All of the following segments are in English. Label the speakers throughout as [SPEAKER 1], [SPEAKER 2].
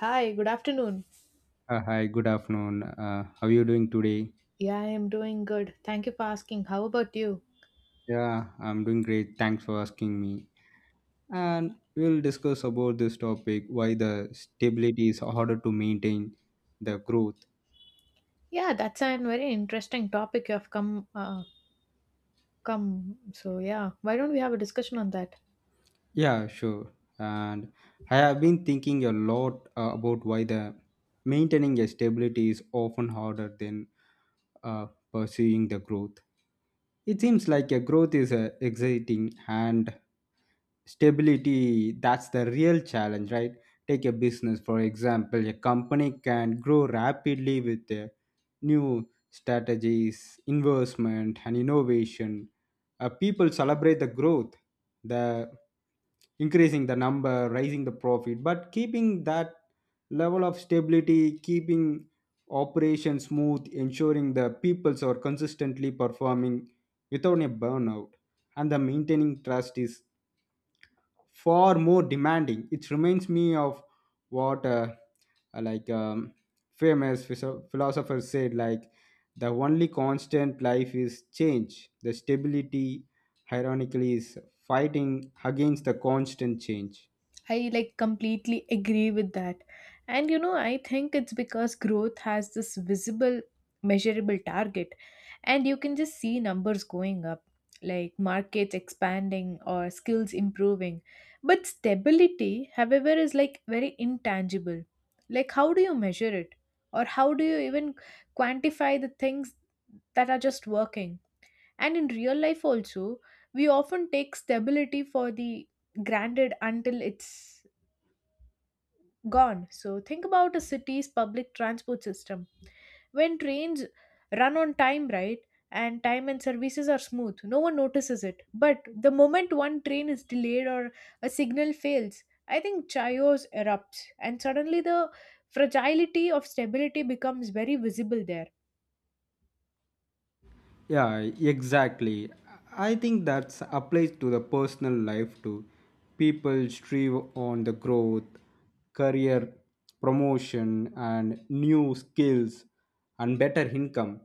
[SPEAKER 1] Hi, good afternoon.
[SPEAKER 2] Hi, good afternoon. How are you doing today?
[SPEAKER 1] Yeah, I am doing good. Thank you for asking. How about you?
[SPEAKER 2] Yeah, I'm doing great. Thanks for asking me. And we'll discuss about this topic why the stability is harder to maintain the growth.
[SPEAKER 1] Yeah, that's a very interesting topic you have come. So yeah, why don't we have a discussion on that?
[SPEAKER 2] Yeah, sure. And I have been thinking a lot about why the maintaining a stability is often harder than pursuing the growth. It seems like a growth is exciting and stability that's the real challenge, right? Take a business for example, a company can grow rapidly with new strategies, investment, and innovation. People celebrate the growth, the increasing the number, raising the profit, but keeping that level of stability, keeping operation smooth, ensuring the peoples are consistently performing without a burnout and the maintaining trust is far more demanding. It reminds me of what like um, famous philosophers said, like the only constant life is change. The stability, ironically, is fighting against the constant change.
[SPEAKER 1] I like completely agree with that. And you know, I think it's because growth has this visible, measurable target, and you can just see numbers going up, like markets expanding or skills improving. But stability, however, is like very intangible. Like, how do you measure it? Or how do you even quantify the things that are just working? And in real life, also, we often take stability for the granted until it's gone. So think about a city's public transport system. When trains run on time, right, and time and services are smooth, no one notices it. But the moment one train is delayed or a signal fails, I think chaos erupts, and suddenly the fragility of stability becomes very visible there.
[SPEAKER 2] Yeah, exactly. I think that applies to the personal life too. People strive on the growth, career promotion, and new skills and better income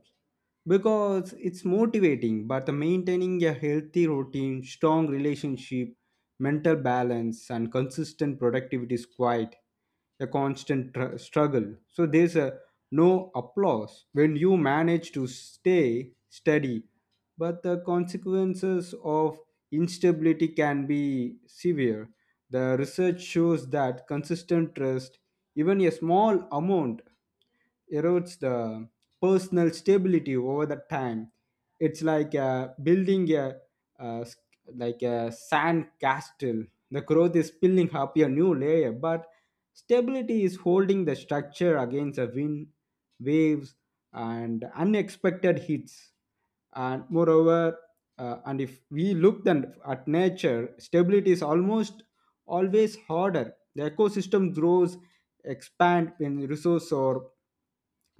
[SPEAKER 2] because it's motivating. But the maintaining a healthy routine, strong relationship, mental balance, and consistent productivity is quite a constant struggle. So there's a no applause when you manage to stay steady, but the consequences of instability can be severe. The research shows that consistent trust, even a small amount, erodes the personal stability over the time. It's like building a, uh, like a sand castle. The growth is spilling up a new layer, but stability is holding the structure against a wind, waves, and unexpected hits. And moreover, and if we look then at nature, stability is almost always harder. The ecosystem grows, expand when resource or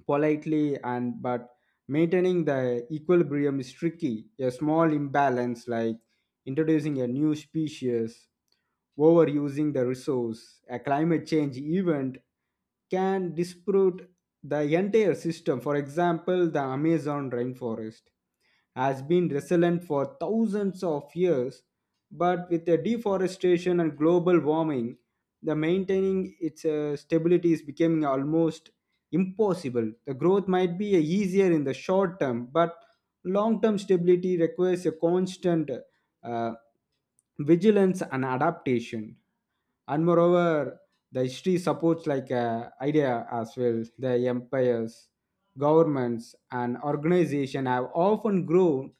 [SPEAKER 2] politely and but maintaining the equilibrium is tricky, a small imbalance like introducing a new species, overusing the resource, a climate change event can disrupt the entire system. For example, the Amazon rainforest has been resilient for thousands of years, but with the deforestation and global warming, the maintaining its stability is becoming almost impossible. The growth might be easier in the short term, but long term stability requires a constant uh, vigilance and adaptation. And moreover, the history supports like idea as well. The empires, governments and organization have often grown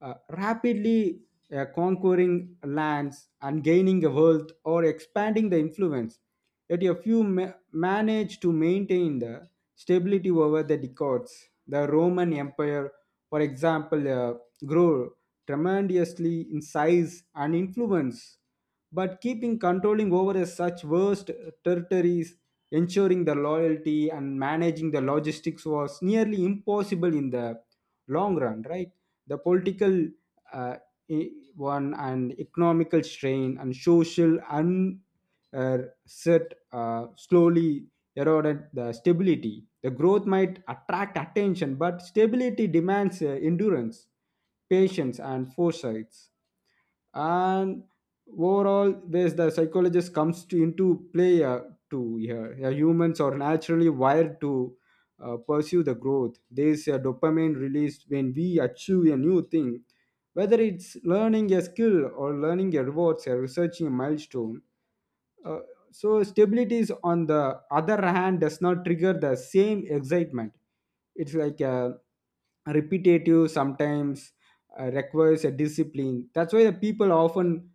[SPEAKER 2] rapidly, conquering lands and gaining a wealth or expanding the influence, yet a few manage to maintain the stability over the decades. The Roman Empire, for example, grew tremendously in size and influence, but keeping controlling over a such vast territories, ensuring the loyalty and managing the logistics was nearly impossible in the long run, right? The political uh, e- one and economical strain and social unset slowly eroded the stability. The growth might attract attention, but stability demands endurance, patience, and foresight. And overall ways the psychologist comes to into play to here. Yeah, humans are naturally wired to pursue the growth. There's a dopamine released when we achieve a new thing, whether it's learning a skill or learning a rewards or researching a milestone. uh, so stability is on the other hand does not trigger the same excitement. It's like repetitive sometimes, requires a discipline. That's why the people often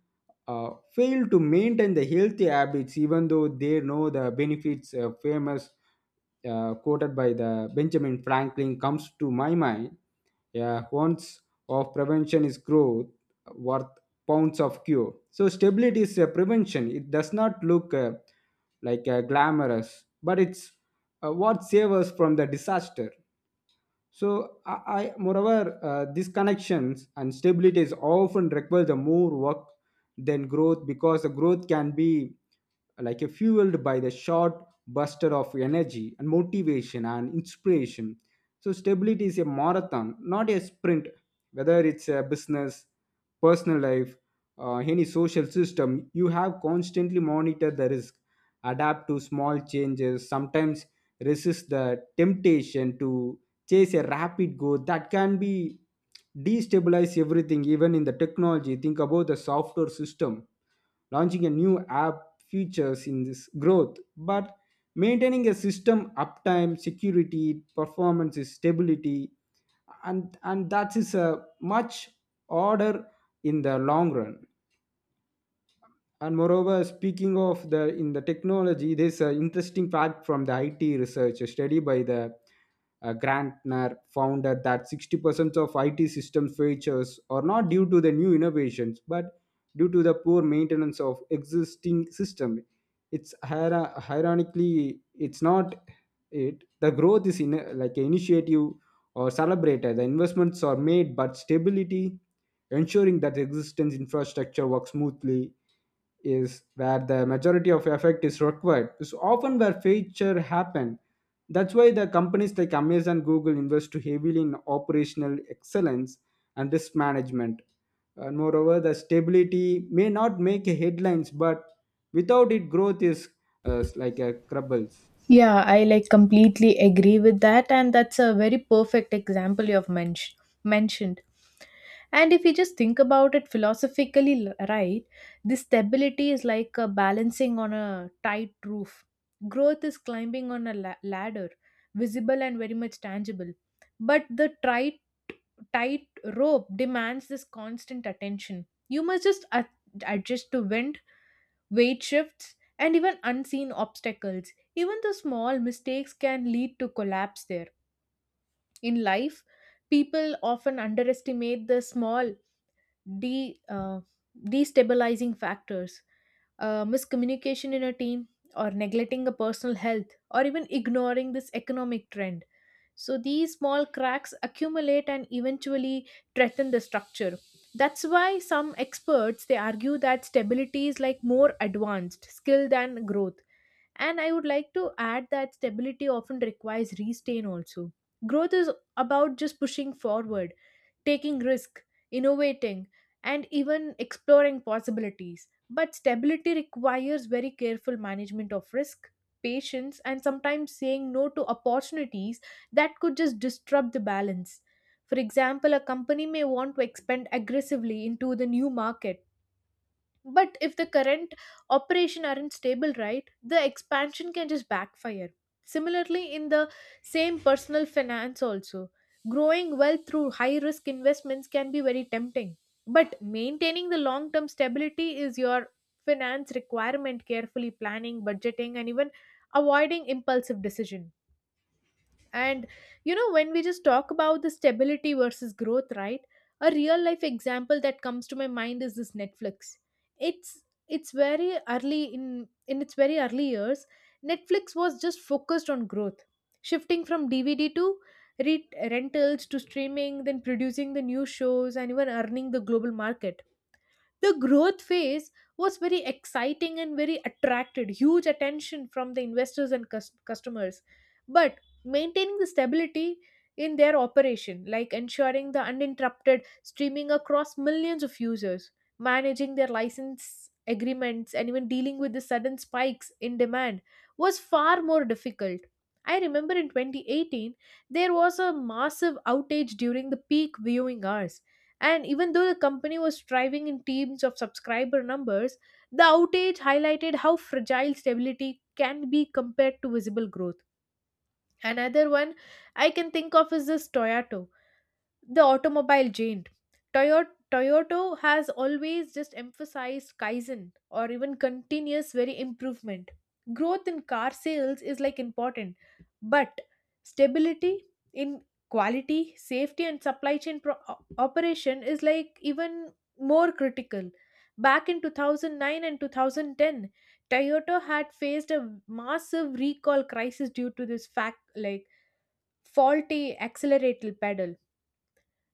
[SPEAKER 2] uh, fail to maintain the healthy habits even though they know the benefits. Famous quoted by the Benjamin Franklin comes to my mind. Yeah, once of prevention is growth worth pounds of cure. So stability is a prevention. It does not look like glamorous, but it's what saves us from the disaster. So, I moreover, these connections and stability is often requires the more work than growth, because the growth can be like a fueled by the short buster of energy and motivation and inspiration. So, stability is a marathon, not a sprint. Whether it's a business, personal life, any social system, you have constantly monitor the risk, adapt to small changes, sometimes resist the temptation to chase a rapid growth that can be destabilize everything. Even in the technology, think about the software system, launching a new app features in this growth, but maintaining a system uptime, security, performance, stability and that is a much order in the long run. And moreover, speaking of the in the technology, there's an interesting fact from the IT research. A study by the Grantner found that that 60% of IT system features are not due to the new innovations but due to the poor maintenance of existing system. It's ironically it's not it. The growth is in like initiative or celebrated, the investments are made, but stability, ensuring that the existence infrastructure works smoothly, is where the majority of effect is required, is often where feature happen. That's why the companies like Amazon, Google invest heavily in operational excellence and risk management. And moreover, the stability may not make headlines, but without it growth is like a crumbles.
[SPEAKER 1] Yeah, I like completely agree with that, and that's a very perfect example you have mentioned. And if you just think about it philosophically, right, this stability is like a balancing on a tight roof. Growth is climbing on a ladder, visible and very much tangible. But the tight rope demands this constant attention. You must just adjust to wind weight shifts, and even unseen obstacles. Even the small mistakes can lead to collapse there. In life, people often underestimate the small de- uh, destabilizing factors, miscommunication in a team, or neglecting a personal health, or even ignoring this economic trend. So these small cracks accumulate and eventually threaten the structure. That's why some experts they argue that stability is like more advanced skill than growth. And I would like to add that stability often requires restrain also. Growth is about just pushing forward taking risk, innovating, and even exploring possibilities. But stability requires very careful management of risk, patience, and sometimes saying no to opportunities that could just disrupt the balance. For example, a company may want to expand aggressively into the new market, but if the current operation aren't stable, right, the expansion can just backfire. Similarly, in the same personal finance, also, growing wealth through high risk investments can be very tempting. But maintaining the long term stability is your finance requirement, carefully planning, budgeting, and even avoiding impulsive decisions. And you know, when we just talk about the stability versus growth, right? A real life example that comes to my mind is this Netflix. It's it's very early in its very early years, Netflix was just focused on growth, shifting from DVD to rentals to streaming, then producing the new shows and even earning the global market. The growth phase was very exciting and very attracted huge attention from the investors and customers, but maintaining the stability in their operation, like ensuring the uninterrupted streaming across millions of users, managing their license agreements, and even dealing with the sudden spikes in demand, was far more difficult. I remember in 2018 there was a massive outage during the peak viewing hours, and even though the company was striving in teams of subscriber numbers, the outage highlighted how fragile stability can be compared to visible growth. Another one I can think of is this Toyota, the automobile giant. Toyo- toyota has always just emphasized kaizen or even continuous very improvement. Growth in car sales is like important, but stability in quality safety and supply chain operation is like even more critical. Back in 2009 and 2010, Toyota had faced a massive recall crisis due to this fact like faulty accelerator pedal.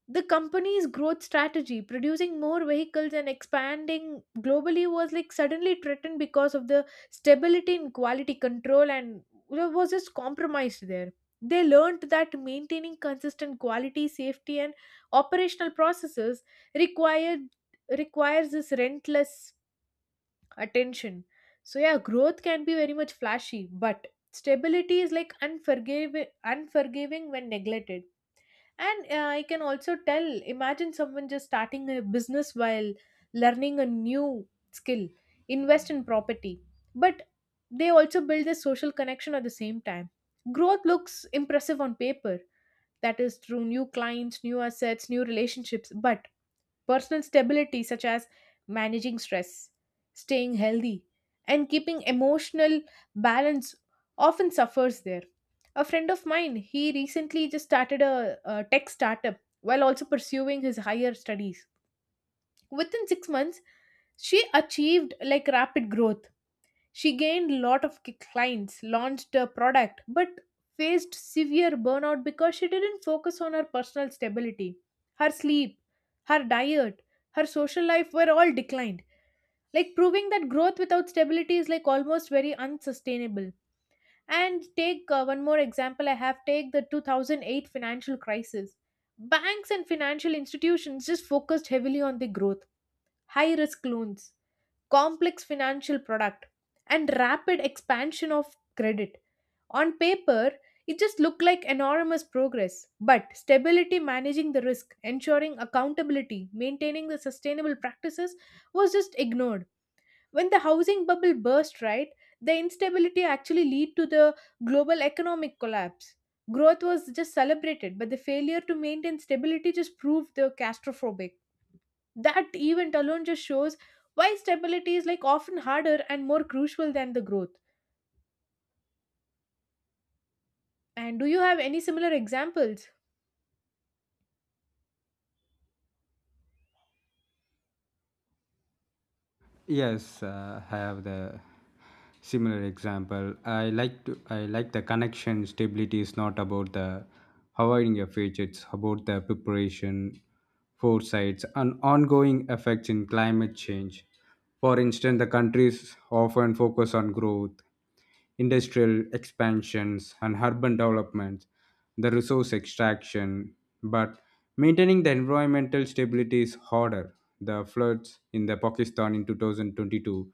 [SPEAKER 1] The company's growth strategy, producing more vehicles and expanding globally, was like suddenly threatened because of the stability in quality control and there was just compromised there. They learned that maintaining consistent quality safety and operational processes required requires this relentless attention. So yeah, growth can be very much flashy, but stability is like unforgiving when neglected. And I can also tell imagine someone just starting a business while learning a new skill, invest in property, but they also build a social connection at the same time. Growth looks impressive on paper. That is through new clients, new assets, new relationships. But personal stability, such as managing stress, staying healthy, and keeping emotional balance, often suffers there. A friend of mine, he recently just started a tech startup while also pursuing his higher studies. Within 6 months, she achieved like rapid growth. She gained lot of clients, launched a product, but faced severe burnout because she didn't focus on her personal stability. Her sleep, her diet, her social life were all declined, like proving that growth without stability is like almost very unsustainable. And take one more example. I have take the 2008 financial crisis. Banks and financial institutions just focused heavily on the growth, high risk loans, complex financial product, and rapid expansion of credit. On paper it just looked like enormous progress, but stability, managing the risk, ensuring accountability, maintaining the sustainable practices, was just ignored. When the housing bubble burst, right, the instability actually lead to the global economic collapse. Growth was just celebrated, but the failure to maintain stability just proved the claustrophobic. That event alone just shows why stability is like often harder and more crucial than the growth. And do you have any similar examples?
[SPEAKER 2] Yes, I have the similar example. I like the connection. Stability is not about the avoiding a future. It's about the preparation, foresights, and ongoing effects in climate change. For instance, the countries often focus on growth, industrial expansions, and urban development, the resource extraction. But maintaining the environmental stability is harder. The floods in the Pakistan in 2022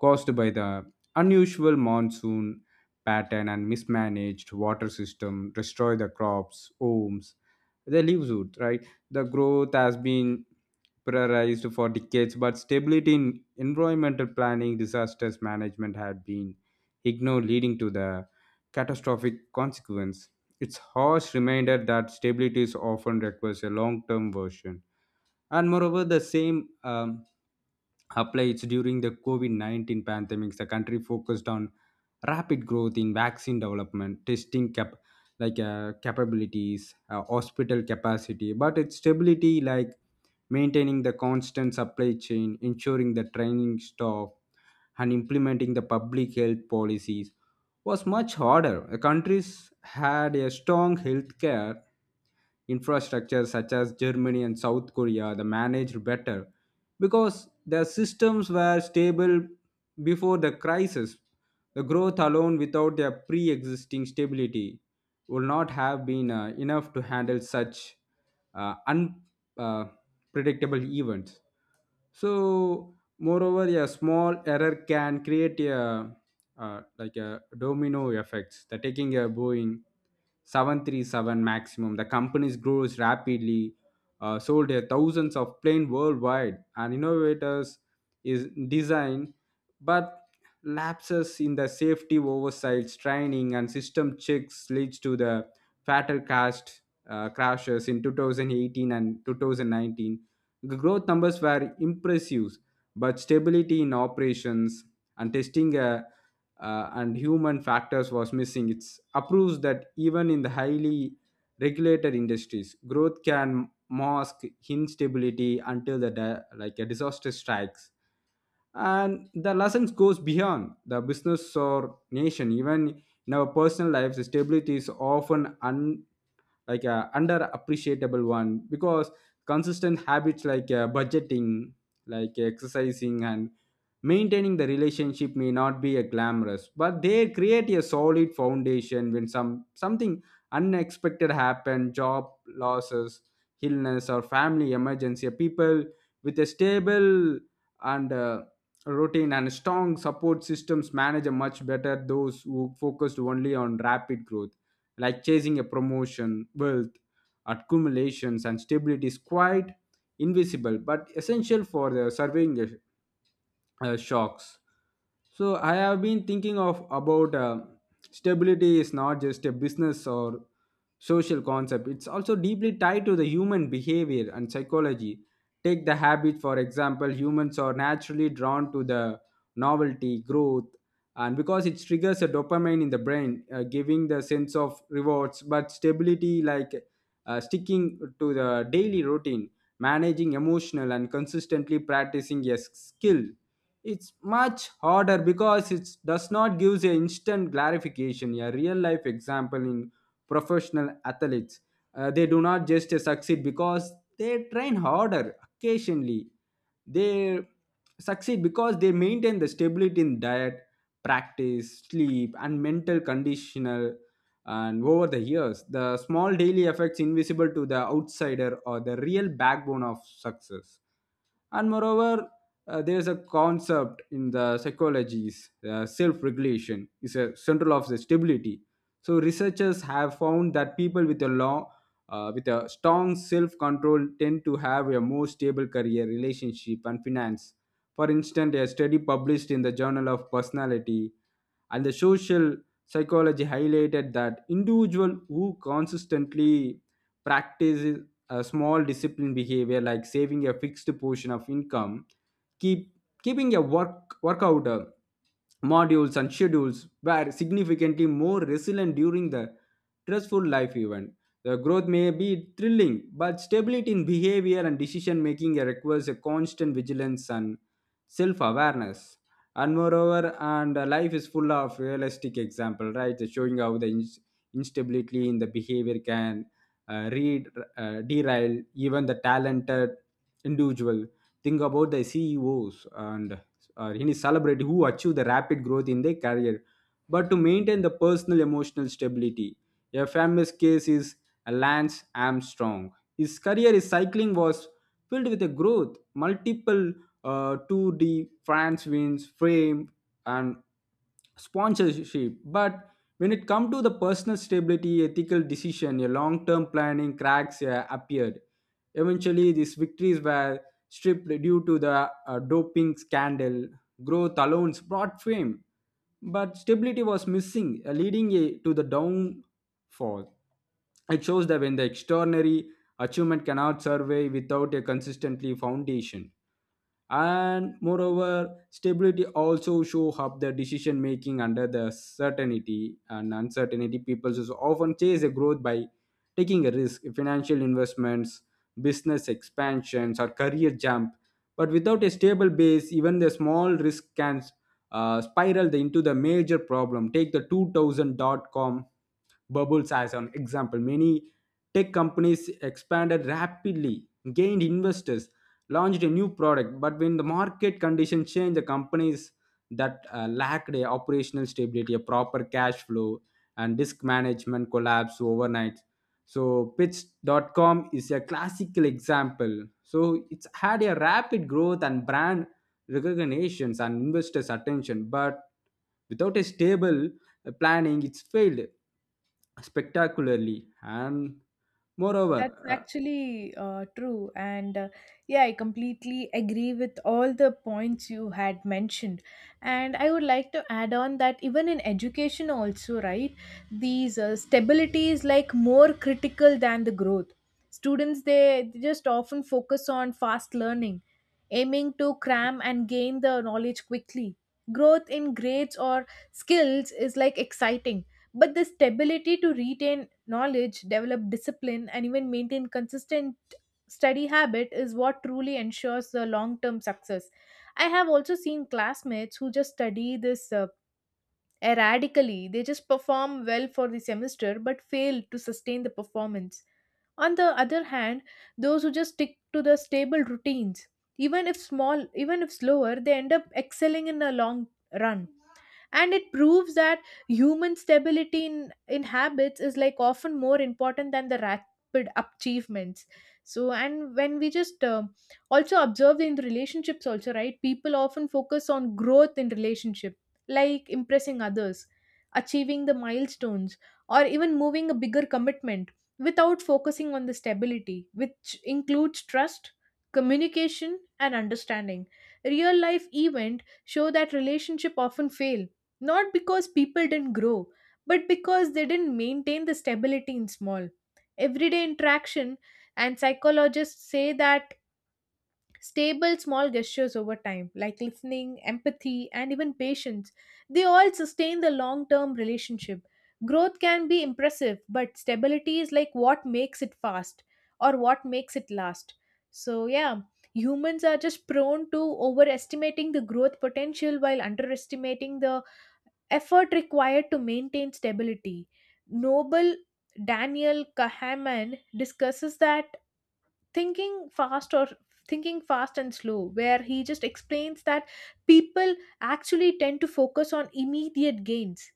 [SPEAKER 2] caused by the unusual monsoon pattern and mismanaged water system destroy the crops, homes, their livelihood, right? The growth has been prioritized for decades, but stability in environmental planning, disasters management had been ignore leading to the catastrophic consequence. It's harsh reminder that stability is often requires a long-term version. And moreover, the same applies during the COVID-19 pandemics. The country focused on rapid growth in vaccine development, testing cap, like capabilities, hospital capacity, but its stability, like maintaining the constant supply chain, ensuring the training staff, and implementing the public health policies was much harder. The countries had a strong healthcare infrastructure such as Germany and South Korea the managed better because their systems were stable before the crisis. The growth alone without their pre existing stability would not have been enough to handle such unpredictable events. So, moreover, a small error can create a like a domino effects. The taking a Boeing 737 maximum. The companies grows rapidly, sold their thousands of planes worldwide, and innovators is design, but lapses in the safety oversights, training, and system checks leads to the fatal cast crashes in 2018 and 2019. The growth numbers were impressive, but stability in operations and testing and human factors was missing. It approves that even in the highly regulated industries growth can mask instability until the like a disaster strikes. And the lessons goes beyond the business or nation. Even in our personal lives, stability is often un, like a underappreciable one, because consistent habits like budgeting, like exercising and maintaining the relationship may not be a glamorous, but they create a solid foundation. When some something unexpected happen, job losses, illness or family emergency, people with a stable and routine and strong support systems manage a much better those who focused only on rapid growth, like chasing a promotion, wealth, accumulations, and stability is quite invisible but essential for the surveying shocks. So I have been thinking of about stability is not just a business or social concept. It's also deeply tied to the human behavior and psychology. Take the habit for example. Humans are naturally drawn to the novelty, growth, and because it triggers a dopamine in the brain, giving the sense of rewards. But stability, like sticking to the daily routine, managing emotional, and consistently practicing a skill, it's much harder because it does not give a instant clarification. A real life example in professional athletes, they do not just succeed because they train harder occasionally. They succeed because they maintain the stability in diet, practice, sleep, and mental conditional, and over the years the small daily effects invisible to the outsider are the real backbone of success. And moreover, there is a concept in the psychologies. Self-regulation is a central of the stability. So researchers have found that people with a long, with a strong self-control tend to have a more stable career, relationship, and finance. For instance, a study published in the Journal of Personality and the Social Psychology highlighted that individual who consistently practices a small disciplined behavior, like saving a fixed portion of income, keep keeping a workout modules and schedules, were significantly more resilient during the stressful life event. The growth may be thrilling, but stability in behavior and decision making requires a constant vigilance and self-awareness. And moreover and uh, life is full of realistic example, right, showing how the instability in the behavior can uh, read, derail even the talented individual. Think about the CEOs and any celebrity who achieve the rapid growth in their career, but to maintain the personal emotional stability. A famous case is Lance Armstrong. His career in cycling was filled with a growth, multiple Tour de France wins, fame, and sponsorship, but when it come to the personal stability, ethical decision, a long-term planning, cracks appeared. Eventually these victories were stripped due to the doping scandal. Growth alone brought fame, but stability was missing, leading to the downfall. It shows that when the extraordinary achievement cannot survive without a consistently foundation. And moreover, stability also show up the decision making under the certainty and uncertainty. People just often chase a growth by taking a risk, financial investments, business expansions, or career jump, but without a stable base even the small risk can spiral into the major problem. Take the 2000 dot com bubbles as an example. Many tech companies expanded rapidly, gained investors, launched a new product, but when the market conditions change, the companies that lacked a operational stability, a proper cash flow, and disk management collapse overnight. So pitch.com is a classical example. So it's had a rapid growth and brand recognitions and investors attention, but without a stable planning, it's failed spectacularly. and moreover
[SPEAKER 1] That's
[SPEAKER 2] uh,
[SPEAKER 1] actually true. And yeah, I completely agree with all the points you had mentioned. And I would like to add on that even in education, also, right? These stability is like more critical than the growth. Students, they just often focus on fast learning, aiming to cram and gain the knowledge quickly. Growth in grades or skills is like exciting, but the stability to retain knowledge, develop discipline, and even maintain consistent study habit is what truly ensures the long term success. I have also seen classmates who just study this erratically, they just perform well for the semester but fail to sustain the performance. On the other hand, those who just stick to the stable routines, even if small, even if slower, they end up excelling in the long run, and it proves that human stability in habits is like often more important than the rapid achievements. So, and when we just also observe in the relationships also, right, people often focus on growth in relationship, like impressing others, achieving the milestones, or even moving a bigger commitment, without focusing on the stability, which includes trust, communication, and understanding. Real life event show that relationship often fail not because people didn't grow, but because they didn't maintain the stability in small, everyday interaction. And psychologists say that stable small gestures over time, like listening, empathy, and even patience, they all sustain the long term relationship. Growth can be impressive, but stability is like what makes it fast or what makes it last. So, yeah, humans are just prone to overestimating the growth potential while underestimating the effort required to maintain stability. Noble Daniel Kahneman discusses that thinking fast or thinking fast and slow, where he just explains that people actually tend to focus on immediate gains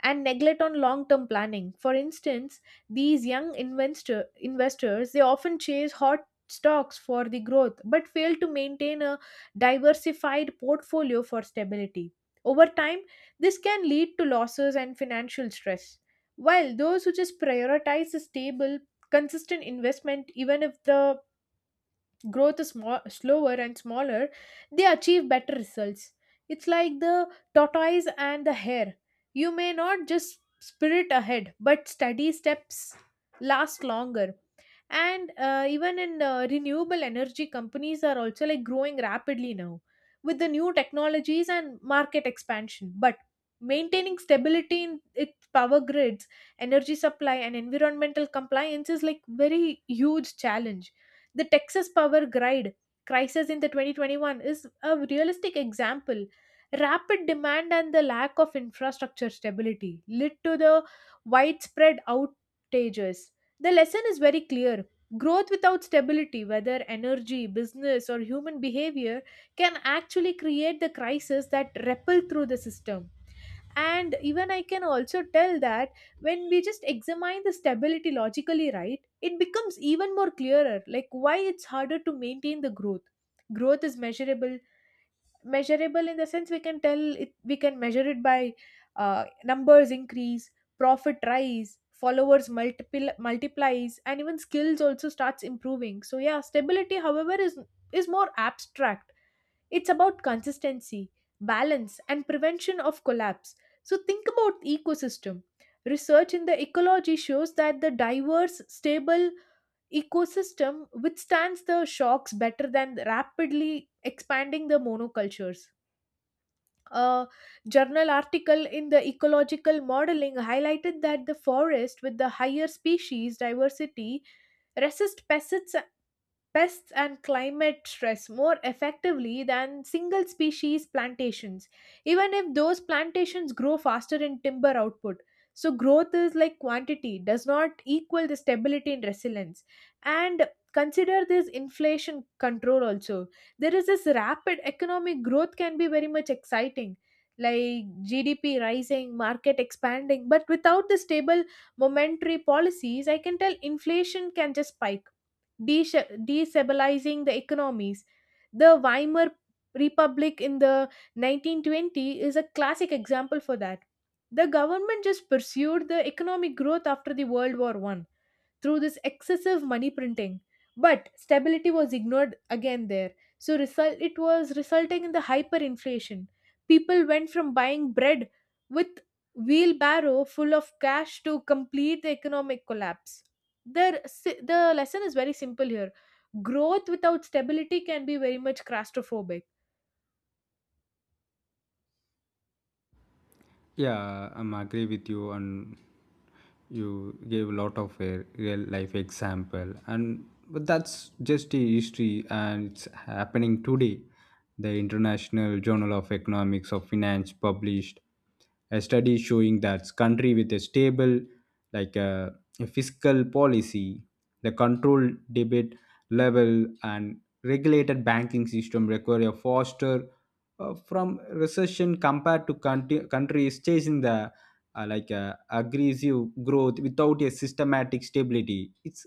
[SPEAKER 1] and neglect on long term planning. For instance, these young investors they often chase hot stocks for the growth but fail to maintain a diversified portfolio for stability. Over time this can lead to losses and financial stress, while those who just prioritize a stable consistent investment, even if the growth is more, slower and smaller, they achieve better results. It's like the tortoise and the hare. You may not just sprint ahead, but steady steps last longer. And even in renewable energy, companies are also like growing rapidly now with the new technologies and market expansion. But maintaining stability in its power grids, energy supply, and environmental compliance is like very huge challenge. The Texas power grid crisis in the 2021 is a realistic example. Rapid demand and the lack of infrastructure stability led to the widespread outages. The lesson is very clear. Growth without stability, whether energy, business, or human behavior, can actually create the crisis that ripple through the system. And even I can also tell that when we just examine the stability logically, right, it becomes even more clearer like why it's harder to maintain the growth. Growth is measurable in the sense we can tell it. We can measure it by numbers increase, profit rise, followers multiple multiplies, and even skills also starts improving. So yeah, stability however is more abstract. It's about consistency, balance, and prevention of collapse. So think about ecosystem. Research in the ecology shows that the diverse, stable ecosystem withstands the shocks better than rapidly expanding the monocultures. A journal article in the ecological modeling highlighted that the forest with the higher species diversity resist pests and climate stress more effectively than single species plantations, even if those plantations grow faster in timber output. So, growth is like quantity, does not equal the stability and resilience. And consider this inflation control also. There is this rapid economic growth, can be very much exciting, like GDP rising, market expanding, but without the stable momentary policies, I can tell inflation can just spike, destabilizing the economies. The Weimar Republic in the 1920 is a classic example for that. The government just pursued the economic growth after the World War One through this excessive money printing. But stability was ignored again there. So result it was resulting in the hyperinflation. People went from buying bread with wheelbarrow full of cash to complete the economic collapse. The lesson is very simple here. Growth without stability can be very much claustrophobic.
[SPEAKER 2] yeah, I'm agree with you, and you gave a lot of a real life example, and but that's just a history, and it's happening today. The International Journal of Economics of Finance published a study showing that country with a stable, like a fiscal policy, the controlled debit level, and regulated banking system require a faster from recession compared to countries chasing the aggressive growth without a systematic stability. It's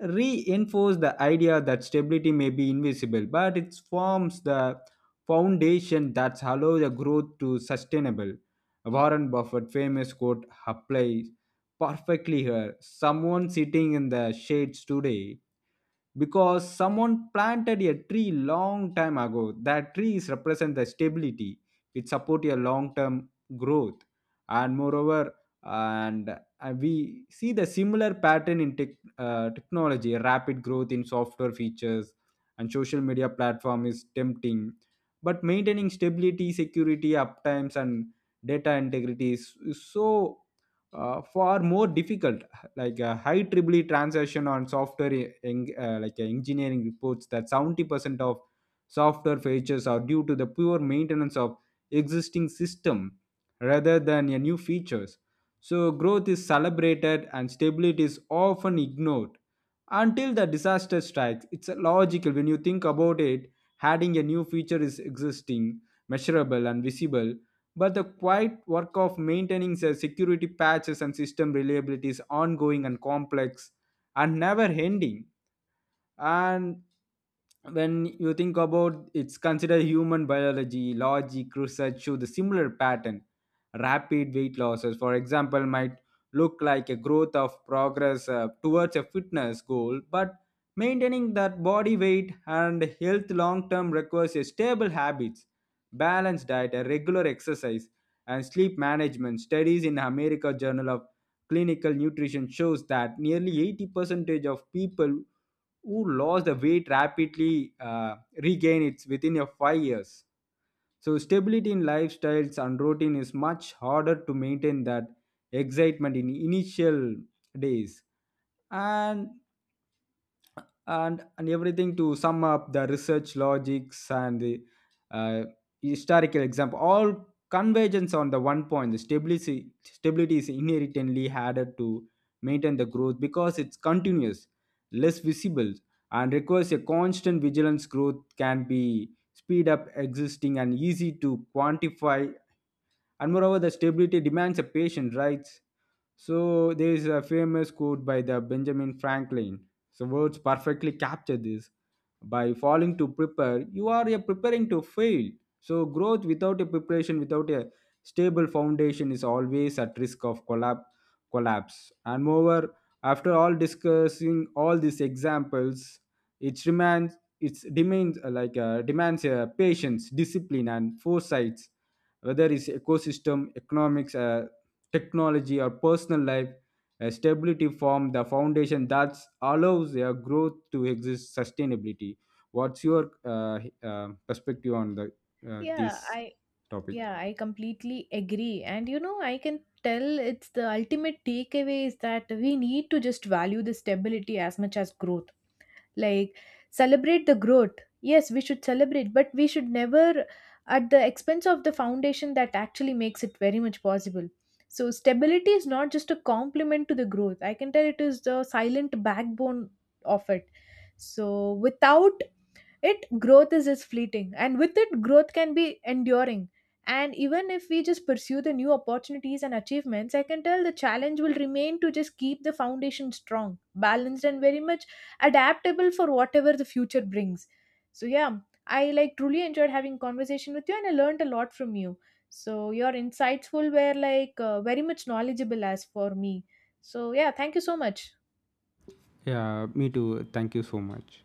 [SPEAKER 2] reinforce the idea that stability may be invisible, but it forms the foundation that allows the growth to sustainable. Warren Buffett famous quote applies perfectly here. Someone sitting in the shades today because someone planted a tree long time ago. That trees represent the stability, it support your long term growth. And moreover and uh, we see the similar pattern in tech, technology. Rapid growth in software features and social media platform is tempting, but maintaining stability, security, uptimes, and data integrity is so far more difficult. Like a high triply transaction on software engineering reports that 70% of software features are due to the poor maintenance of existing system rather than a new features. So growth is celebrated and stability is often ignored until the disaster strikes. It's logical when you think about it. Adding a new feature is existing, measurable, and visible, but the quiet work of maintaining the security patches and system reliability is ongoing and complex and never ending. And when you think about it's considered human biology logic, research show the similar pattern. Rapid weight losses, for example, might look like a growth of progress towards a fitness goal, but maintaining that body weight and health long term requires a stable habits, balanced diet, a regular exercise, and sleep management. Studies in America Journal of Clinical Nutrition shows that nearly 80 percentage of people who lost the weight rapidly regain it within a 5 years. So stability in lifestyles and routine is much harder to maintain that excitement in initial days. And and everything to sum up the research logics and the uh, historical example all convergence on the one point, the stability is inherently harder to maintain the growth because it's continuous, less visible, and requires a constant vigilance. Growth can be speed up, existing and easy to quantify, and moreover the stability demands a patient, right? So there is a famous quote by the Benjamin Franklin. So words perfectly capture this. By falling to prepare, you are a preparing to fail. So growth without a preparation, without a stable foundation, is always at risk of collapse. Collapse. And moreover, after all discussing all these examples, it demands demands patience, discipline, and foresight, whether it's ecosystem, economics, technology, or personal life, a stability form the foundation that allows a growth to exist sustainability. What's your perspective on the
[SPEAKER 1] Yeah,
[SPEAKER 2] this
[SPEAKER 1] I
[SPEAKER 2] topic?
[SPEAKER 1] Yeah, I completely agree. And you know, I can tell it's the ultimate takeaway is that we need to just value the stability as much as growth. Like, celebrate the growth. Yes, we should celebrate, but we should never at the expense of the foundation that actually makes it very much possible. So, stability is not just a complement to the growth. I can tell it is the silent backbone of it. So, without it growth is just fleeting, and with it growth can be enduring. And even if we just pursue the new opportunities and achievements, I can tell the challenge will remain to just keep the foundation strong, balanced, and very much adaptable for whatever the future brings. So yeah, I like truly enjoyed having conversation with you, and I learned a lot from you. So your insightful were like very much knowledgeable as for me. So yeah, thank you so much.
[SPEAKER 2] Yeah, me too. Thank you so much.